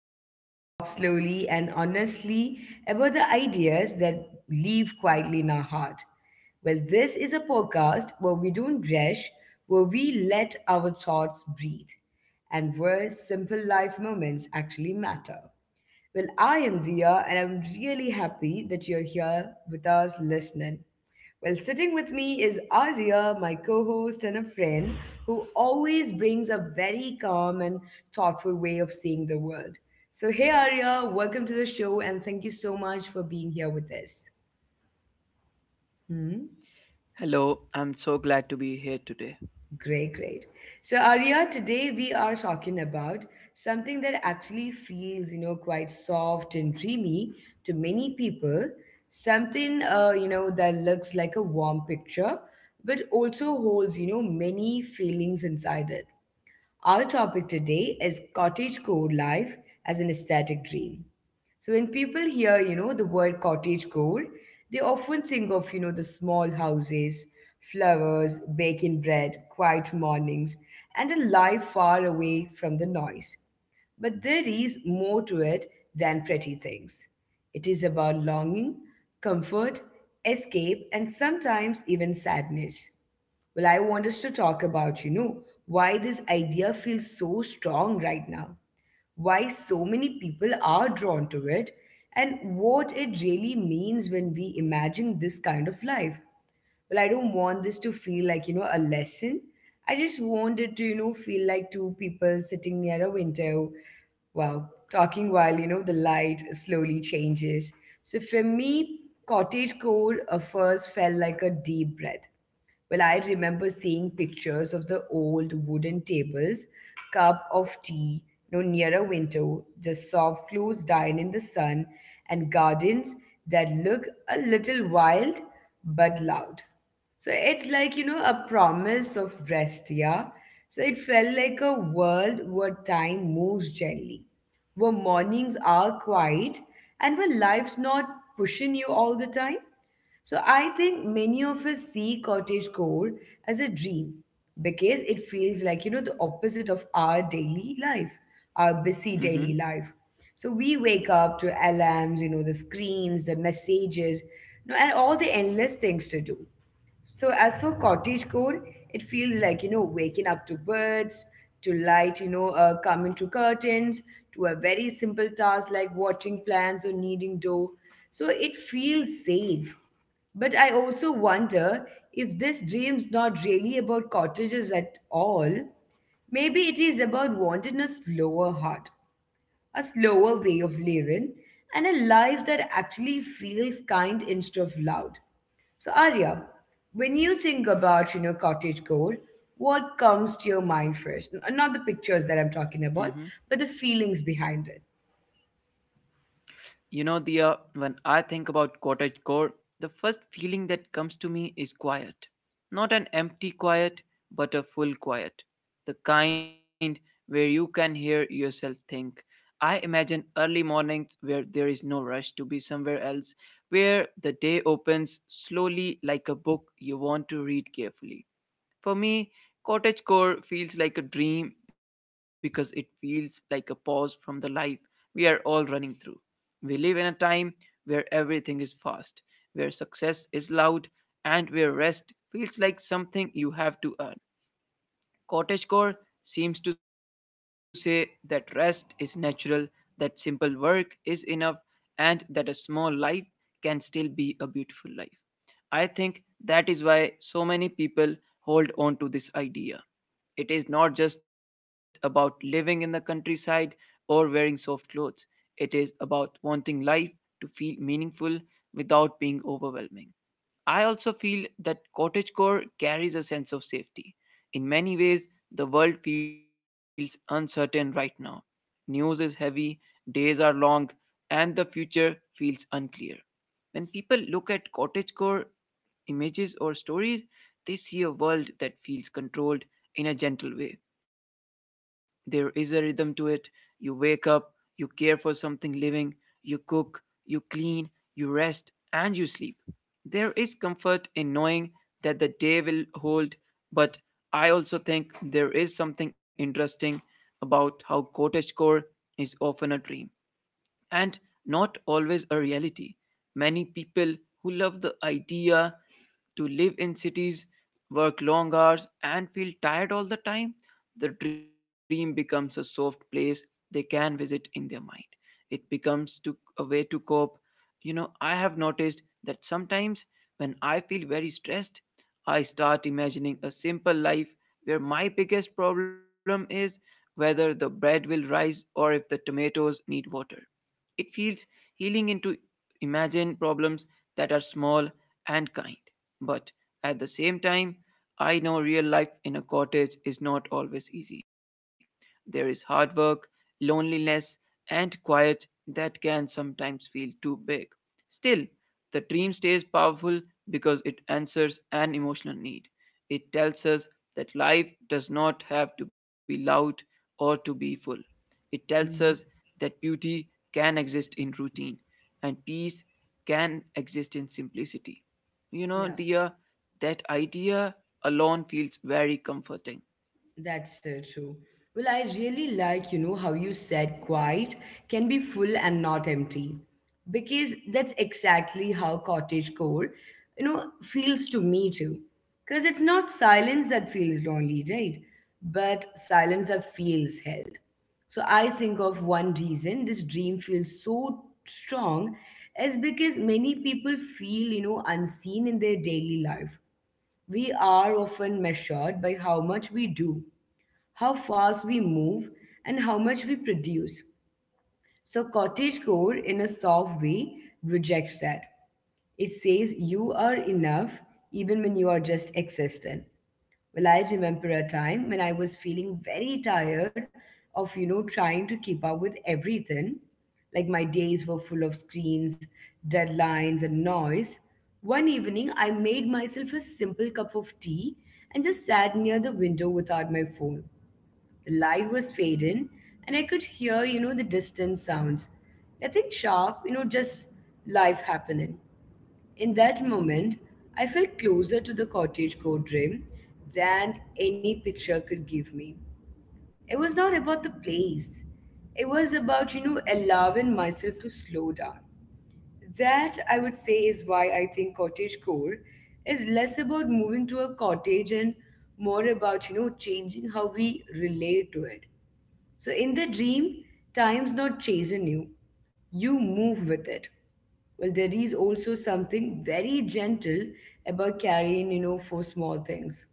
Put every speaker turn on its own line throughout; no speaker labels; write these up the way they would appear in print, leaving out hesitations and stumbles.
where we talk slowly and honestly about the ideas that live quietly in our heart. This is a podcast where we don't rush, where we let our thoughts breathe, and where simple life moments actually matter. I am Dia, and I'm really happy that you're here with us listening. Sitting with me is Arya, my co host and a friend who always brings a very calm and thoughtful way of seeing the world. So, hey Arya, welcome to the show, and thank you so much for being here with us.
Hello,
Hmm?
I'm so glad to be here today.
Great, great. So, Arya, today we are talking about something that actually feels, quite soft and dreamy to many people. Something that looks like a warm picture, but also holds, many feelings inside it. Our topic today is cottagecore life as an aesthetic dream. So when people hear, the word cottagecore, they often think of, the small houses, flowers, baking bread, quiet mornings, and a life far away from the noise. But there is more to it than pretty things. It is about longing, comfort, escape, and sometimes even sadness. I want us to talk about, why this idea feels so strong right now, why so many people are drawn to it, and what it really means when we imagine this kind of life. I don't want this to feel like a lesson. I just want it to feel like two people sitting near a window, wow, talking while the light slowly changes. So for me, cottage core first felt like a deep breath. I remember seeing pictures of the old wooden tables, cup of tea, no, near a window, just soft clothes dying in the sun, and gardens that look a little wild but loud. So it's like, a promise of rest, yeah? So it felt like a world where time moves gently, where mornings are quiet, and where life's not pushing you all the time. So I think many of us see cottage core as a dream because it feels like, the opposite of our daily life, our busy
Mm-hmm,
daily life. So we wake up to alarms, the screens, the messages, and all the endless things to do. So as for cottagecore, it feels like waking up to birds, to light, coming to curtains, to a very simple task like watering plants or kneading dough. So it feels safe. But I also wonder if this dream's not really about cottages at all. Maybe it is about wanting a slower heart, a slower way of living, and a life that actually feels kind instead of loud. So, Arya, when you think about, cottage gold, what comes to your mind first? Not the pictures that I'm
mm-hmm.
talking about, but the feelings behind it.
You know, Dia, when I think about cottagecore, the first feeling that comes to me is quiet. Not an empty quiet, but a full quiet. The kind where you can hear yourself think. I imagine early mornings where there is no rush to be somewhere else, where the day opens slowly like a book you want to read carefully. For me, cottagecore feels like a dream because it feels like a pause from the life we are all running through. We live in a time where everything is fast, where success is loud, and where rest feels like something you have to earn. Cottagecore seems to say that rest is natural, that simple work is enough, and that a small life can still be a beautiful life. I think that is why so many people hold on to this idea. It is not just about living in the countryside or wearing soft clothes, it is about wanting life to feel meaningful without being overwhelming. I also feel that cottagecore carries a sense of safety. In many ways, the world feels uncertain right now. News is heavy, days are long, and the future feels unclear. When people look at cottagecore images or stories, they see a world that feels controlled in a gentle way. There is a rhythm to it. You wake up, you care for something living, you cook, you clean, you rest, and you sleep. There is comfort in knowing that the day will hold, but I also think there is something interesting about how cottagecore is often a dream and not always a reality. Many people who love the idea to live in cities, work long hours, and feel tired all the time, the dream becomes a soft place they can visit in their mind. It becomes a way to cope. You know, I have noticed that sometimes when I feel very stressed, I start imagining a simple life where my biggest problem is whether the bread will rise or if the tomatoes need water. It feels healing into imagine problems that are small and kind. But at the same time, I know real life in a cottage is not always easy. There is hard work, loneliness, and quiet that can sometimes feel too big. Still, the dream stays powerful because it answers an emotional need. It tells us that life does not have to be loud or to be full. It tells us
Hmm.
that beauty can exist in routine and peace can exist in simplicity. You know,
Yeah.
Dia, that idea alone feels very comforting.
That's so true. I really like, how you said quiet can be full and not empty. Because that's exactly how cottage core, feels to me too. Because it's not silence that feels lonely, right? But silence that feels held. So I think of one reason this dream feels so strong is because many people feel, unseen in their daily life. We are often measured by how much we do, how fast we move, and how much we produce. So, cottagecore, in a soft way, rejects that. It says you are enough even when you are just existent. I remember a time when I was feeling very tired of, trying to keep up with everything. Like my days were full of screens, deadlines, and noise. One evening, I made myself a simple cup of tea and just sat near the window without my phone. The light was fading, and I could hear, the distant sounds. Nothing sharp, just life happening. In that moment, I felt closer to the cottage court dream than any picture could give me. It was not about the place. It was about, allowing myself to slow down. That I would say is why I think cottage core is less about moving to a cottage and more about, changing how we relate to it. So in the dream, time's not chasing you, you move with it. Well, there is also something very gentle about carrying, for small things: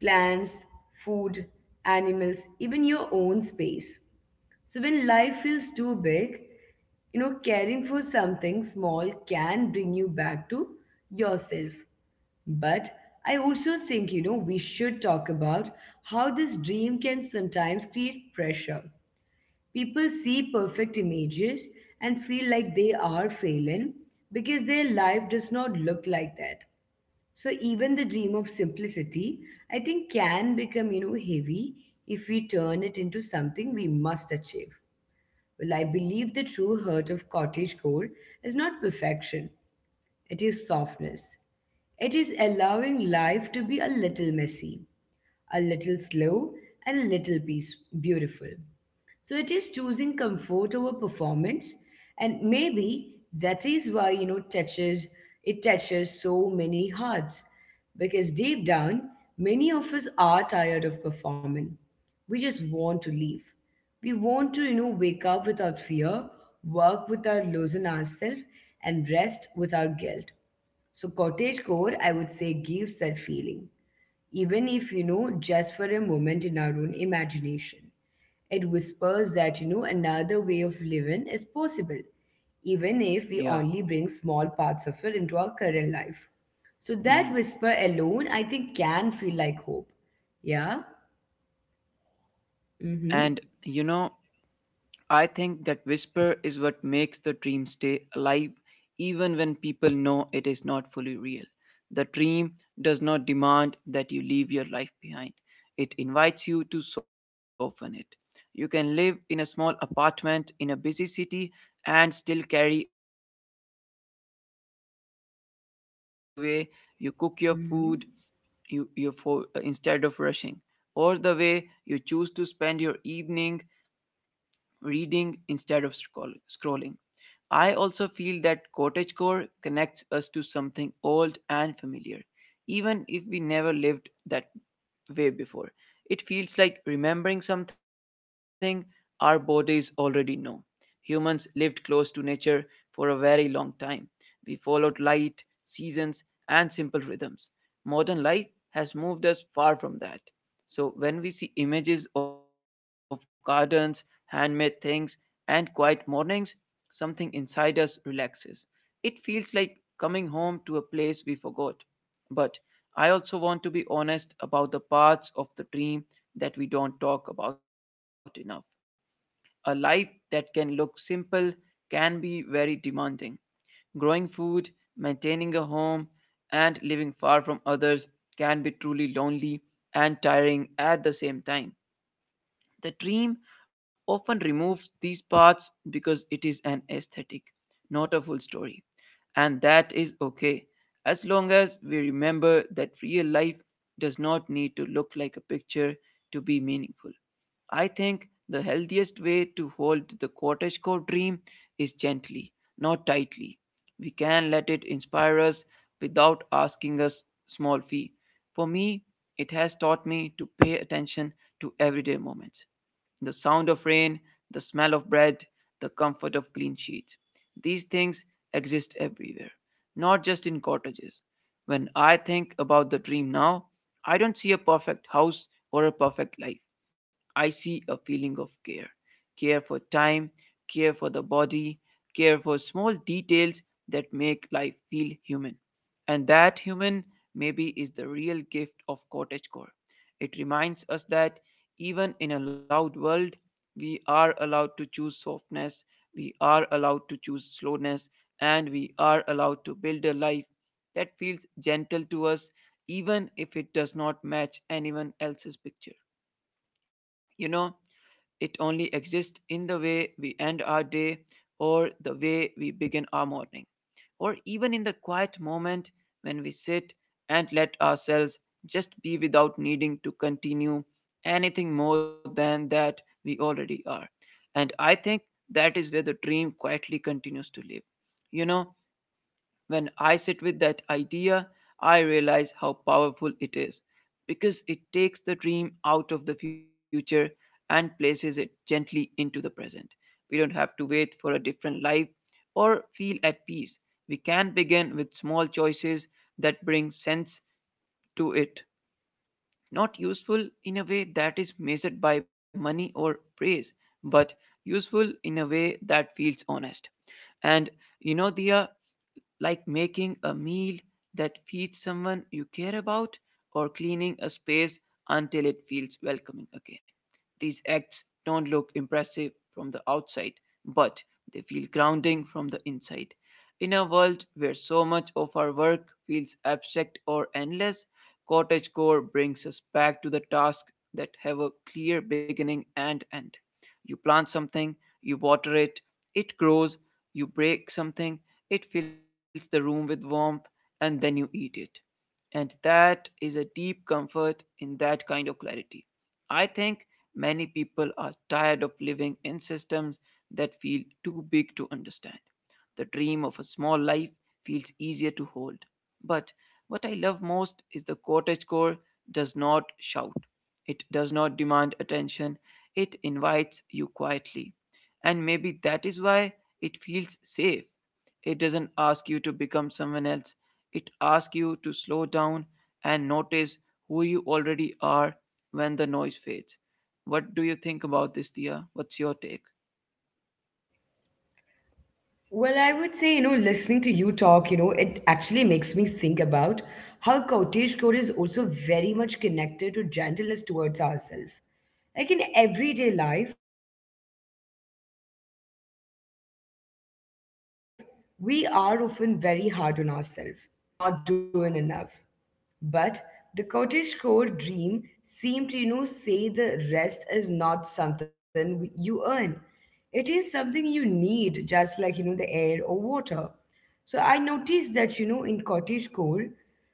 plants, food, animals, even your own space. So when life feels too big, caring for something small can bring you back to yourself. But I also think, we should talk about how this dream can sometimes create pressure. People see perfect images and feel like they are failing because their life does not look like that. So even the dream of simplicity, I think, can become, heavy if we turn it into something we must achieve. Well, I believe the true heart of cottage core is not perfection, it is softness. It is allowing life to be a little messy, a little slow, and a little peace, beautiful. So it is choosing comfort over performance, and maybe that is why you know touches it touches so many hearts, because deep down, many of us are tired of performing. We just want to leave. We want to wake up without fear, work without losing ourselves, and rest without guilt. So cottagecore, I would say, gives that feeling even if just for a moment in our own imagination. It whispers that another way of living is possible, even if we
Yeah.
only bring small parts of it into our current life. So
Hmm.
that whisper alone, I think, can feel like hope. Yeah.
And,
Mm-hmm.
you know, I think that whisper is what makes the dream stay alive even when people know it is not fully real. The dream does not demand that you leave your life behind, it invites you to soften it. You can live in a small apartment in a busy city and still carry a cottage core feeling inside you. It can show up in the way you cook your
Mm-hmm.
food instead of rushing, or the way you choose to spend your evening reading instead of scrolling. I also feel that cottagecore connects us to something old and familiar, even if we never lived that way before. It feels like remembering something our bodies already know. Humans lived close to nature for a very long time. We followed light, seasons, and simple rhythms. Modern life has moved us far from that. So, when we see images of gardens, handmade things, and quiet mornings, something inside us relaxes. It feels like coming home to a place we forgot. But I also want to be honest about the parts of the dream that we don't talk about enough. A life that can look simple can be very demanding. Growing food, maintaining a home, and living far from others can be truly lonely and tiring at the same time. The dream often removes these parts because it is an aesthetic, not a full story. And that is okay, as long as we remember that real life does not need to look like a picture to be meaningful. I think the healthiest way to hold the cottagecore dream is gently, not tightly. We can let it inspire us without asking us small fee. For me, it has taught me to pay attention to everyday moments, the sound of rain, the smell of bread, the comfort of clean sheets. These things exist everywhere, not just in cottages. When I think about the dream now, I don't see a perfect house or a perfect life. I see a feeling of care, care for time, care for the body, care for small details that make life feel human. And that human maybe is the real gift of cottagecore. It reminds us that even in a loud world, we are allowed to choose softness, we are allowed to choose slowness, and we are allowed to build a life that feels gentle to us, even if it does not match anyone else's picture. You know, it only exists in the way we end our day or the way we begin our morning or even in the quiet moment when we sit and let ourselves just be without needing to continue anything more than that we already are. And I think that is where the dream quietly continues to live. You know, when I sit with that idea, I realize how powerful it is because it takes the dream out of the future and places it gently into the present. We don't have to wait for a different life or feel at peace. We can begin with small choices that bring sense to it. Not useful in a way that is measured by money or praise, but useful in a way that feels honest. And, you know, Dia, like making a meal that feeds someone you care about or cleaning a space until it feels welcoming again. These acts don't look impressive from the outside, but they feel grounding from the inside. In a world where so much of our work feels abstract or endless, cottagecore brings us back to the tasks that have a clear beginning and end. You plant something, you water it, it grows, you break something, it fills the room with warmth, and then you eat it. And that is a deep comfort in that kind of clarity. I think many people are tired of living in systems that feel too big to understand. The dream of a small life feels easier to hold. But what I love most is the cottage core does not shout. It does not demand attention. It invites you quietly. And maybe that is why it feels safe. It doesn't ask you to become someone else. It asks you to slow down and notice who you already are when the noise fades. What do you think about this, Dia? What's your take?
I would say, listening to you talk, it actually makes me think about how Kautesh is also very much connected to gentleness towards ourselves. Like in everyday life, we are often very hard on ourselves. We feel guilty for resting, for moving slowly, for not doing enough. But the cottage core dream seemed to, say the rest is not something you earn. It is something you need, just like, the air or water. So I noticed that, in cottage core,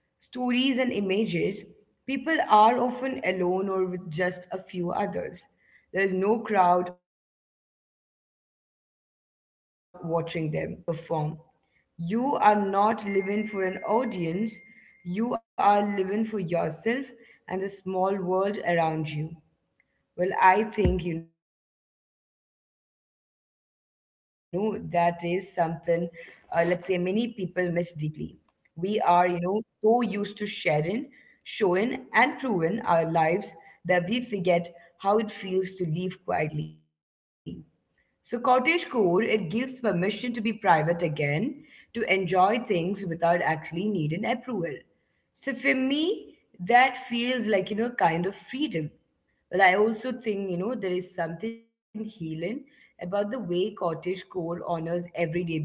stories and images, people are often alone or with just a few others. There is no crowd watching them. That feels very important. It removes the pressure to perform. You are not living for an audience, you are living for yourself and the small world around you. I think, that is something, let's say, many people miss deeply. We are, so used to sharing, showing, and proving our lives that we forget how it feels to live quietly. So, cottage core, it gives permission to be private again, to enjoy things without actually needing approval. So, for me, that feels like, kind of freedom. But I also think, there is something healing about the way cottage core honors everyday beauty,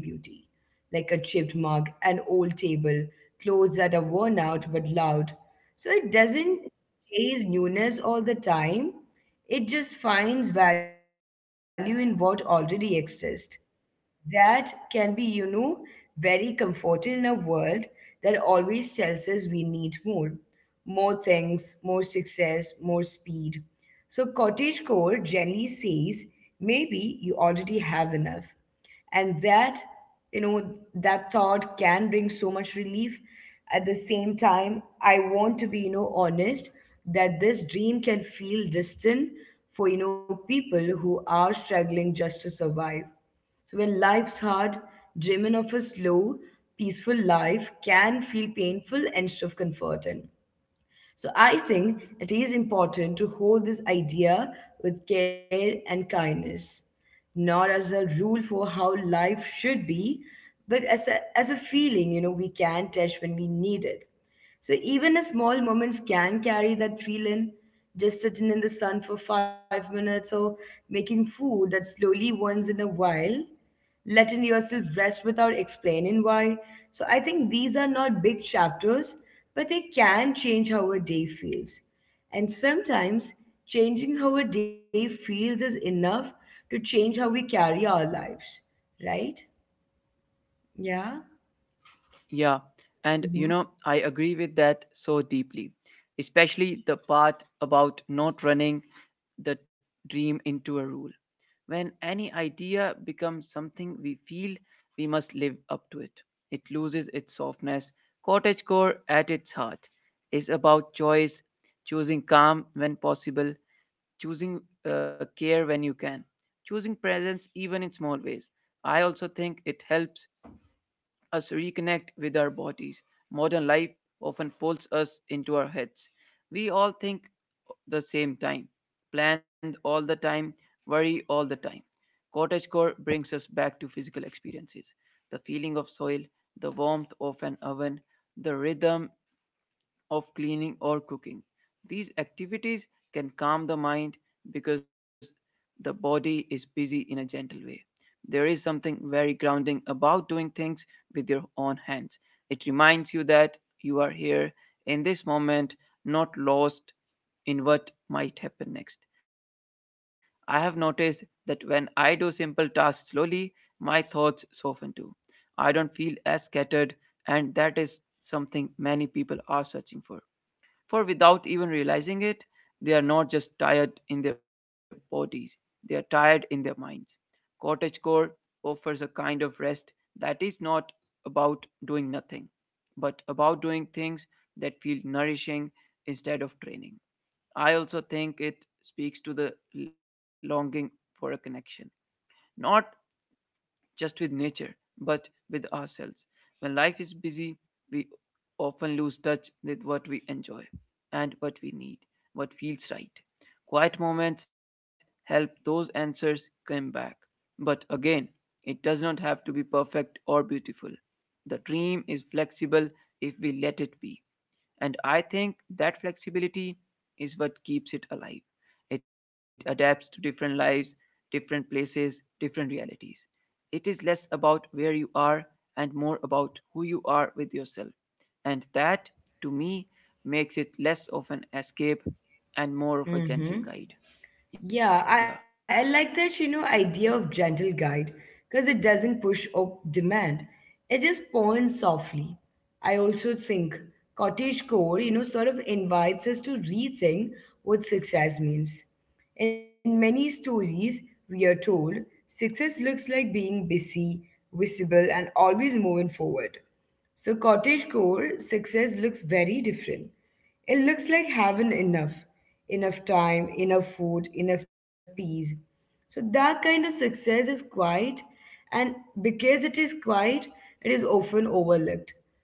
like a chipped mug, an old table, clothes that are worn out but loud. So it doesn't chase newness all the time. It just finds value in what already exists. That can be, very comforting in a world that always tells us we need more. More things, more success, more speed. So cottagecore generally says maybe you already have enough, and that, you know that thought can bring so much relief. At the same time, I want to be honest that this dream can feel distant for people who are struggling just to survive. So when life's hard, dreaming of a slow, peaceful life can feel painful instead of comforting. So I think it is important to hold this idea with care and kindness, not as a rule for how life should be, but as a feeling, we can touch when we need it. So even a small moments can carry that feeling, just sitting in the sun for 5 minutes or making food that slowly once in a while, letting yourself rest without explaining why. So I think these are not big chapters, but they can change how a day feels. And sometimes changing how a day feels is enough to change how we carry our lives, right? Yeah.
Yeah, and you
Mm-hmm.
know, I agree with that so deeply, especially the part about not running the dream into a rule. When any idea becomes something we feel we must live up to it, it loses its softness. Cottagecore at its heart is about choice, choosing calm when possible, choosing care when you can, choosing presence even in small ways. I also think it helps us reconnect with our bodies. Modern life often pulls us into our heads. We all think the same time, plan all the time, worry all the time. Cottagecore brings us back to physical experiences, the feeling of soil, the warmth of an oven, the rhythm of cleaning or cooking. These activities can calm the mind because the body is busy in a gentle way. There is something very grounding about doing things with your own hands. It reminds you that you are here in this moment, not lost in what might happen next. I have noticed that when I do simple tasks slowly, my thoughts soften too. I don't feel as scattered, and that is something many people are searching for. For without even realizing it, they are not just tired in their bodies, they are tired in their minds. Cottagecore offers a kind of rest that is not about doing nothing, but about doing things that feel nourishing instead of draining. I also think it speaks to the longing for a connection. Not just with nature, but with ourselves. When life is busy, we often lose touch with what we enjoy and what we need, what feels right. Quiet moments help those answers come back. But again, it does not have to be perfect or beautiful. The dream is flexible if we let it be. And I think that flexibility is what keeps it alive. It adapts to different lives, different places, different realities. It is less about where you are and more about who you are with yourself. And that, to me, makes it less of an escape and more of a
Mm-hmm.
gentle guide. Yeah.
Yeah, I like that, idea of gentle guide because it doesn't push or demand. It just points softly. I also think cottagecore, sort of invites us to rethink what success means. In many stories, we are told success looks like being busy, visible, and always moving forward. So cottagecore success looks very different. It looks like having enough, enough time, enough food, enough peace. So that kind of success is quiet, and because it is quiet, it is often overlooked.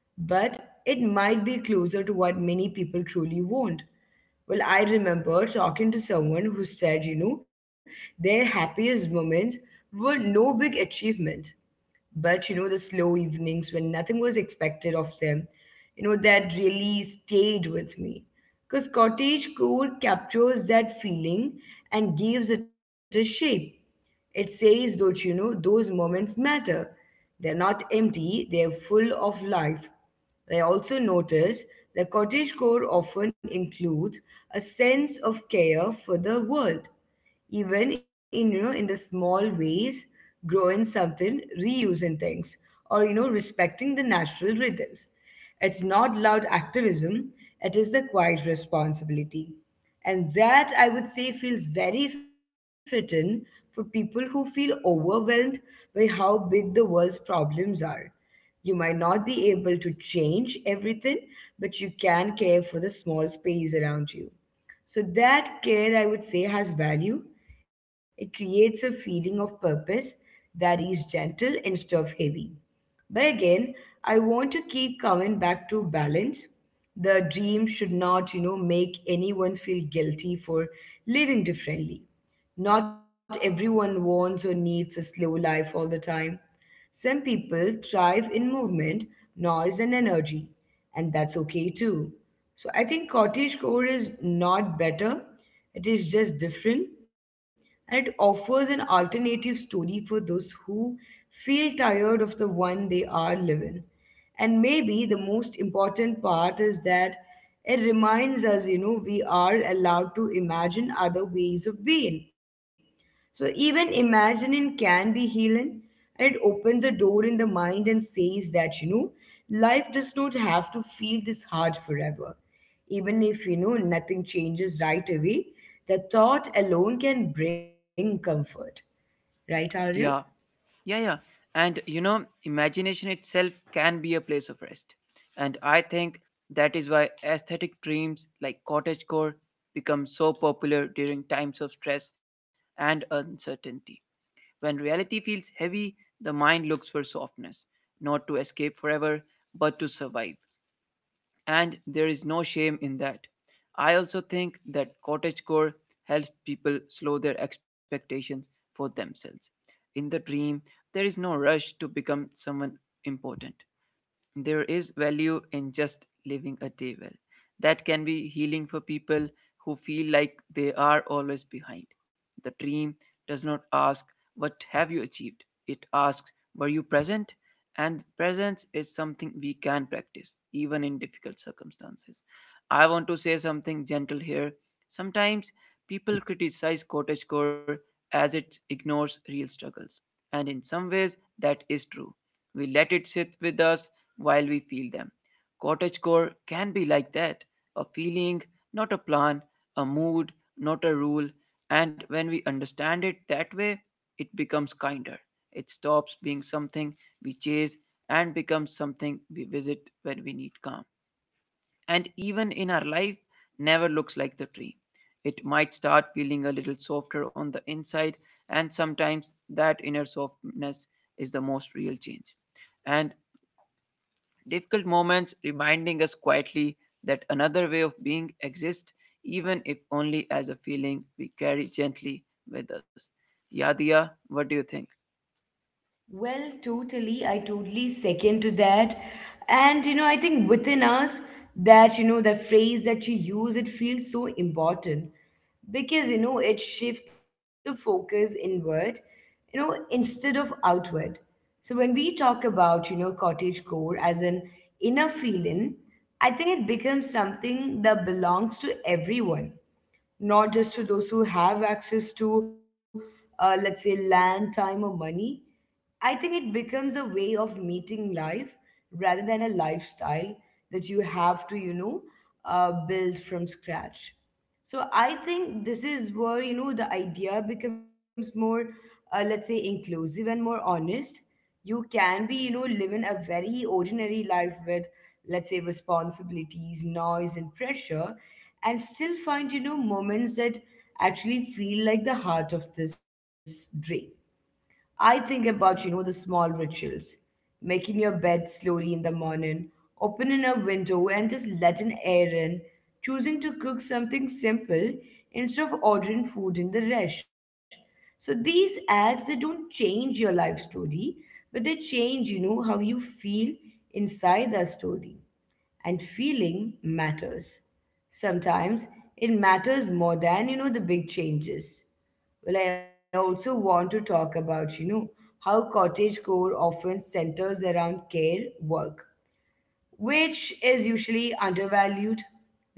But it might be closer to what many people truly want. Well, I remember talking to someone who said, you know, their happiest moments were no big achievements. But the slow evenings when nothing was expected of them, that really stayed with me. Because cottagecore captures that feeling and gives it a shape. It says that, you know, those moments matter. They're not empty, they're full of life. I also noticed that cottagecore often includes a sense of care for the world, even in, you know, in the small ways, growing something, reusing things, or, you know, respecting the natural rhythms. It's not loud activism, it is the quiet responsibility, and that, I would say, feels very fitting for people who feel overwhelmed by how big the world's problems are. You might not be able to change everything, but you can care for the small space around you. So that care, I would say, has value. It creates a feeling of purpose that is gentle instead of heavy. But again, I want to keep coming back to balance. The dream should not, you know, make anyone feel guilty for living differently. Not everyone wants or needs a slow life all the time. Some people thrive in movement, noise, and energy, and that's okay too. So I think cottagecore is not better, it is just different, and it offers an alternative story for those who feel tired of the one they are living. And maybe the most important part is that it reminds us, you know, we are allowed to imagine other ways of being, so even imagining can be healing, and it opens a door in the mind and says that, you know, life does not have to feel this hard forever. Even if, you know, nothing changes right away, the thought alone can bring comfort. Right, Arya?
Yeah, yeah, yeah. And you know, imagination itself can be a place of rest. And I think that is why aesthetic dreams like cottagecore become so popular during times of stress and uncertainty. When reality feels heavy, the mind looks for softness, not to escape forever, but to survive, and there is no shame in that. I also think that cottagecore helps people slow their expectations for themselves. In the dream, there is no rush to become someone important. There is value in just living a day well. That can be healing for people who feel like they are always behind. The dream does not ask, "What have you achieved?" It asks, "Were you present?" And presence is something we can practice, even in difficult circumstances. I want to say something gentle here. Sometimes people criticize cottagecore as it ignores real struggles. And in some ways, that is true. We let it sit with us while we feel them. Cottagecore can be like that: a feeling, not a plan, a mood, not a rule. And when we understand it that way, it becomes kinder. It stops being something we chase and becomes something we visit when we need calm, and even in our life never looks like the tree. It might start feeling a little softer on the inside, and sometimes that inner softness is the most real change. And difficult moments reminding us quietly that another way of being exists, even if only as a feeling we carry gently with us. Yadia, what do you think?
Well, totally. I totally second to that. And, you know, I think within us, that, you know, that phrase that you use, it feels so important because, you know, it shifts the focus inward, you know, instead of outward. So when we talk about, you know, cottage core as an inner feeling, I think it becomes something that belongs to everyone, not just to those who have access to, let's say, land, time, or money. I think it becomes a way of meeting life rather than a lifestyle that you have to, you know, build from scratch. So I think this is where, you know, the idea becomes more, let's say, inclusive and more honest. You can be, you know, living a very ordinary life with, let's say, responsibilities, noise, and pressure, and still find, you know, moments that actually feel like the heart of this dream. I think about, you know, the small rituals: making your bed slowly in the morning, opening a window and just letting air in, choosing to cook something simple instead of ordering food in the rush. So these acts, they don't change your life story, but they change, you know, how you feel inside the story, and feeling matters. Sometimes it matters more than, you know, the big changes. Well, I also want to talk about, you know, how cottagecore often centers around care work, which is usually undervalued,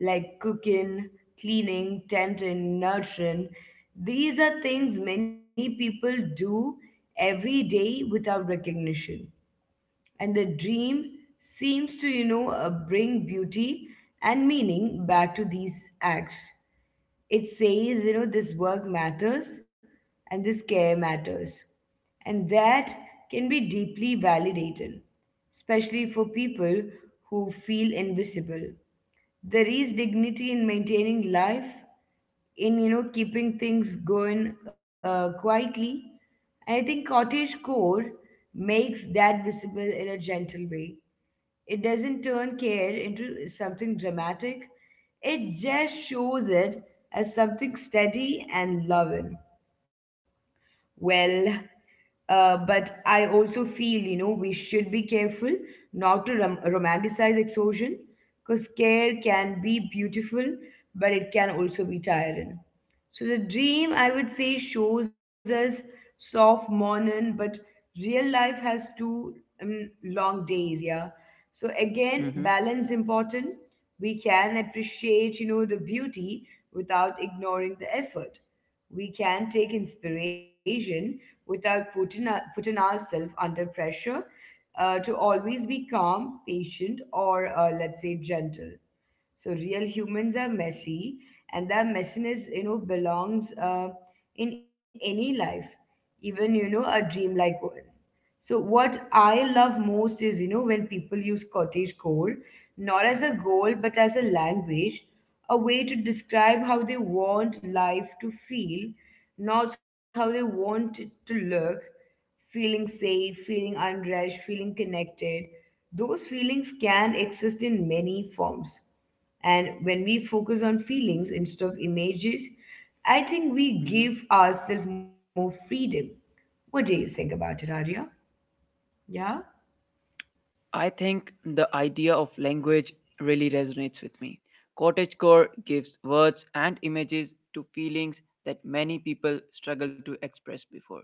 like cooking, cleaning, tenting, nurturing. These are things many people do every day without recognition, and the dream seems to, you know, bring beauty and meaning back to these acts. It says, you know, this work matters and this care matters, and that can be deeply validated, especially for people who feel invisible. There is dignity in maintaining life, in, you know, keeping things going, quietly. And I think cottage core makes that visible in a gentle way. It doesn't turn care into something dramatic, it just shows it as something steady and loving. Well, but I also feel, you know, we should be careful not to romanticize exhaustion, because care can be beautiful, but it can also be tiring. So the dream, I would say, shows us soft morning, but real life has two long days, yeah. So again,
Mm-hmm.
balance important. We can appreciate, you know, the beauty without ignoring the effort. We can take inspiration without putting ourselves under pressure, to always be calm, patient, or, let's say, gentle. So real humans are messy, and that messiness, you know, belongs, in any life, even, you know, a dreamlike one. So what I love most is, you know, when people use cottage core not as a goal but as a language, a way to describe how they want life to feel, not how they want it to look. Feeling safe, feeling unrest, feeling connected. Those feelings can exist in many forms. And when we focus on feelings instead of images, I think we
Mm-hmm.
give ourselves more freedom. What do you think about it, Arya? Yeah.
I think the idea of language really resonates with me. Cottagecore gives words and images to feelings that many people struggle to express before.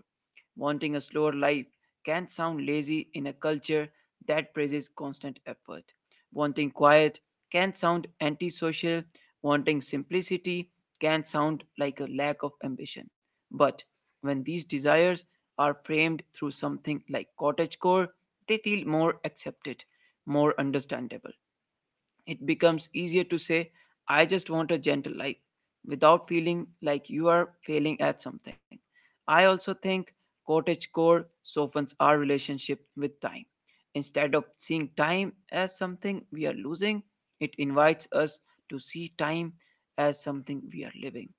Wanting a slower life can sound lazy in a culture that praises constant effort. Wanting quiet can sound antisocial. Wanting simplicity can sound like a lack of ambition. But when these desires are framed through something like cottagecore, they feel more accepted, more understandable. It becomes easier to say, "I just want a gentle life," without feeling like you are failing at something. I also think cottagecore softens our relationship with time. Instead of seeing time as something we are losing, it invites us to see time as something we are living.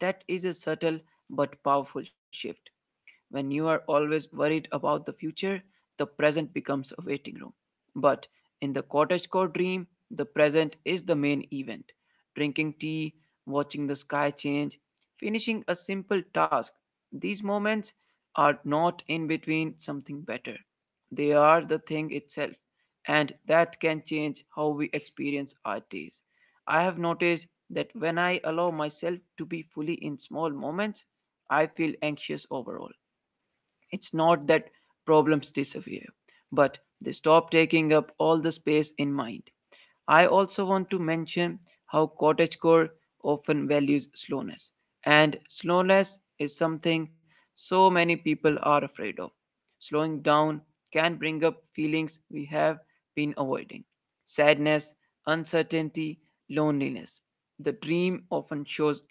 That is a subtle but powerful shift. When you are always worried about the future, the present becomes a waiting room. But in the cottagecore dream, the present is the main event. Drinking tea, watching the sky change, finishing a simple task. These moments are not in between something better. They are the thing itself, and that can change how we experience our days. I have noticed that when I allow myself to be fully in small moments, I feel anxious overall. It's not that problems disappear, but they stop taking up all the space in mind. I also want to mention how cottagecore often values slowness, and slowness is something so many people are afraid of. Slowing down can bring up feelings we have been avoiding: sadness, uncertainty, loneliness. The dream often shows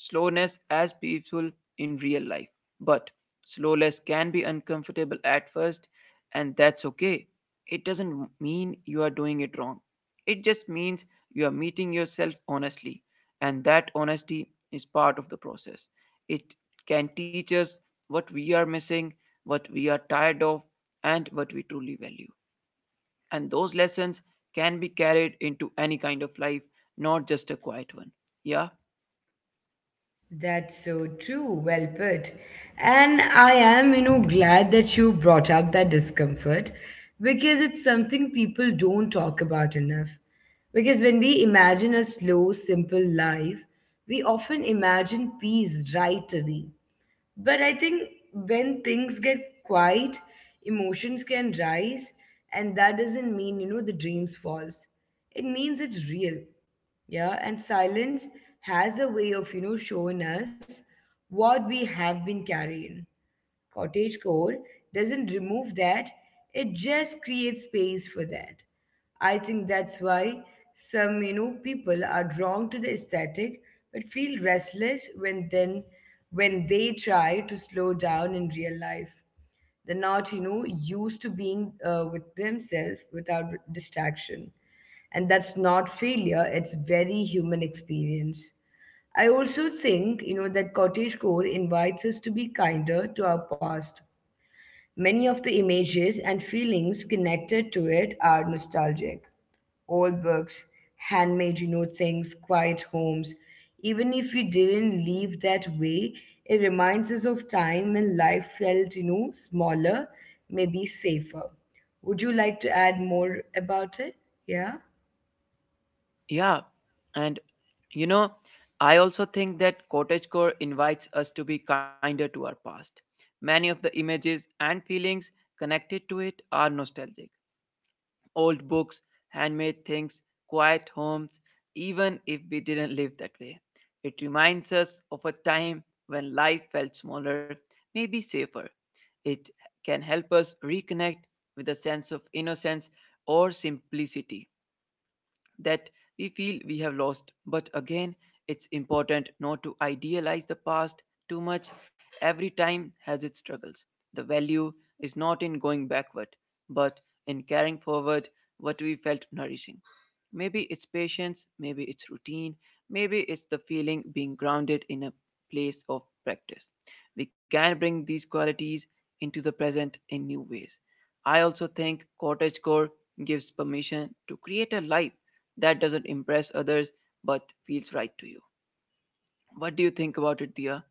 slowness as peaceful in real life, but slowness can be uncomfortable at first, and that's okay. It doesn't mean you are doing it wrong, it just means you are meeting yourself honestly, and that honesty is part of the process. It can teach us what we are missing, what we are tired of, and what we truly value. And those lessons can be carried into any kind of life, not just a quiet one. Yeah,
That's so true. Well put. And I am, you know, glad that you brought up that discomfort, because it's something people don't talk about enough. Because when we imagine a slow, simple life, we often imagine peace right away. But I think when things get quiet, emotions can rise, and that doesn't mean, you know, the dream's false. It means it's real. Yeah, and silence has a way of, you know, showing us what we have been carrying. Cottagecore doesn't remove that, it just creates space for that. I think that's why some, you know, people are drawn to the aesthetic but feel restless when they try to slow down in real life. They're not, you know, used to being, with themselves without distraction, and that's not failure, it's very human experience. I also think, you know, that cottagecore invites us to be kinder to our past. Many of the images and feelings connected to it are nostalgic: old books, handmade, you know, things, quiet homes. Even if we didn't live that way, it reminds us of time when life felt, you know, smaller, maybe safer. Would you like to add more about it? Yeah.
yeah. And you know, I also think that cottagecore invites us to be kinder to our past. Many of the images and feelings connected to it are nostalgic. Old books, handmade things, quiet homes, even if we didn't live that way. It reminds us of a time when life felt smaller, maybe safer. It can help us reconnect with a sense of innocence or simplicity that we feel we have lost. But again, it's important not to idealize the past too much. Every time has its struggles. The value is not in going backward, but in carrying forward what we felt nourishing. Maybe it's patience, maybe it's routine, maybe it's the feeling being grounded in a place of practice. We can bring these qualities into the present in new ways. I also think cottagecore gives permission to create a life that doesn't impress others but feels right to you. What do you think about it, Dia?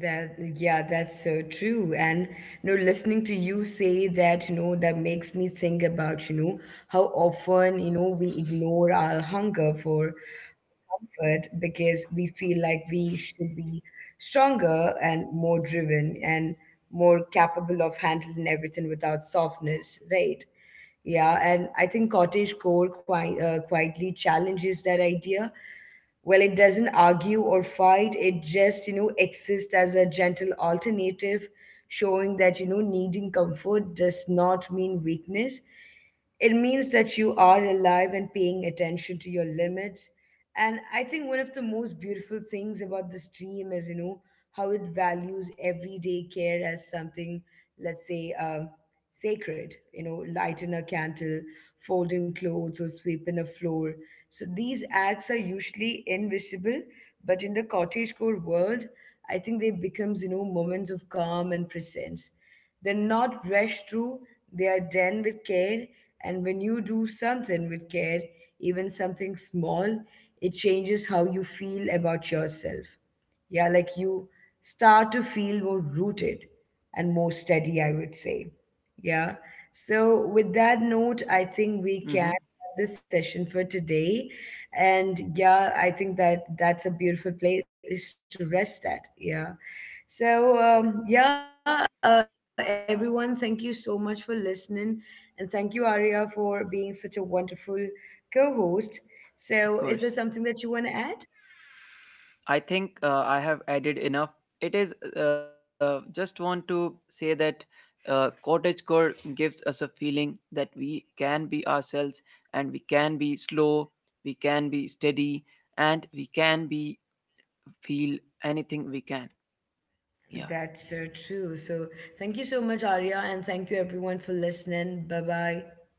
That, yeah, that's so true. And, you know, listening to you say that, you know, that makes me think about, you know, how often, you know, we ignore our hunger for comfort, because we feel like we should be stronger and more driven and more capable of handling everything without softness, right? Yeah, and I think cottage core quite, quietly challenges that idea. Well, it doesn't argue or fight, it just, you know, exists as a gentle alternative, showing that, you know, needing comfort does not mean weakness. It means that you are alive and paying attention to your limits. And I think one of the most beautiful things about this dream is, you know, how it values everyday care as something, let's say, sacred. You know, lighting a candle, folding clothes, or sweeping a floor. So these acts are usually invisible, but in the cottagecore world, I think they becomes, you know, moments of calm and presence. They're not rushed through; they are done with care. And when you do something with care, even something small, it changes how you feel about yourself. Yeah, like you start to feel more rooted and more steady, I would say. Yeah. So, with that note, I think we can
Hmm.
have the session for today. And yeah, I think that that's a beautiful place to rest at. Yeah. So, yeah, everyone, thank you so much for listening. And thank you, Arya, for being such a wonderful co host. So, is there something
Of
that you want to
course.
add?
I think I have added enough. It is, just want to say that cottagecore gives us a feeling that we can be ourselves and we can be slow, we can be steady, and we can be, feel anything we can. Yeah.
That's so true. So, thank you so much, Arya. And thank you, everyone, for listening. Bye bye.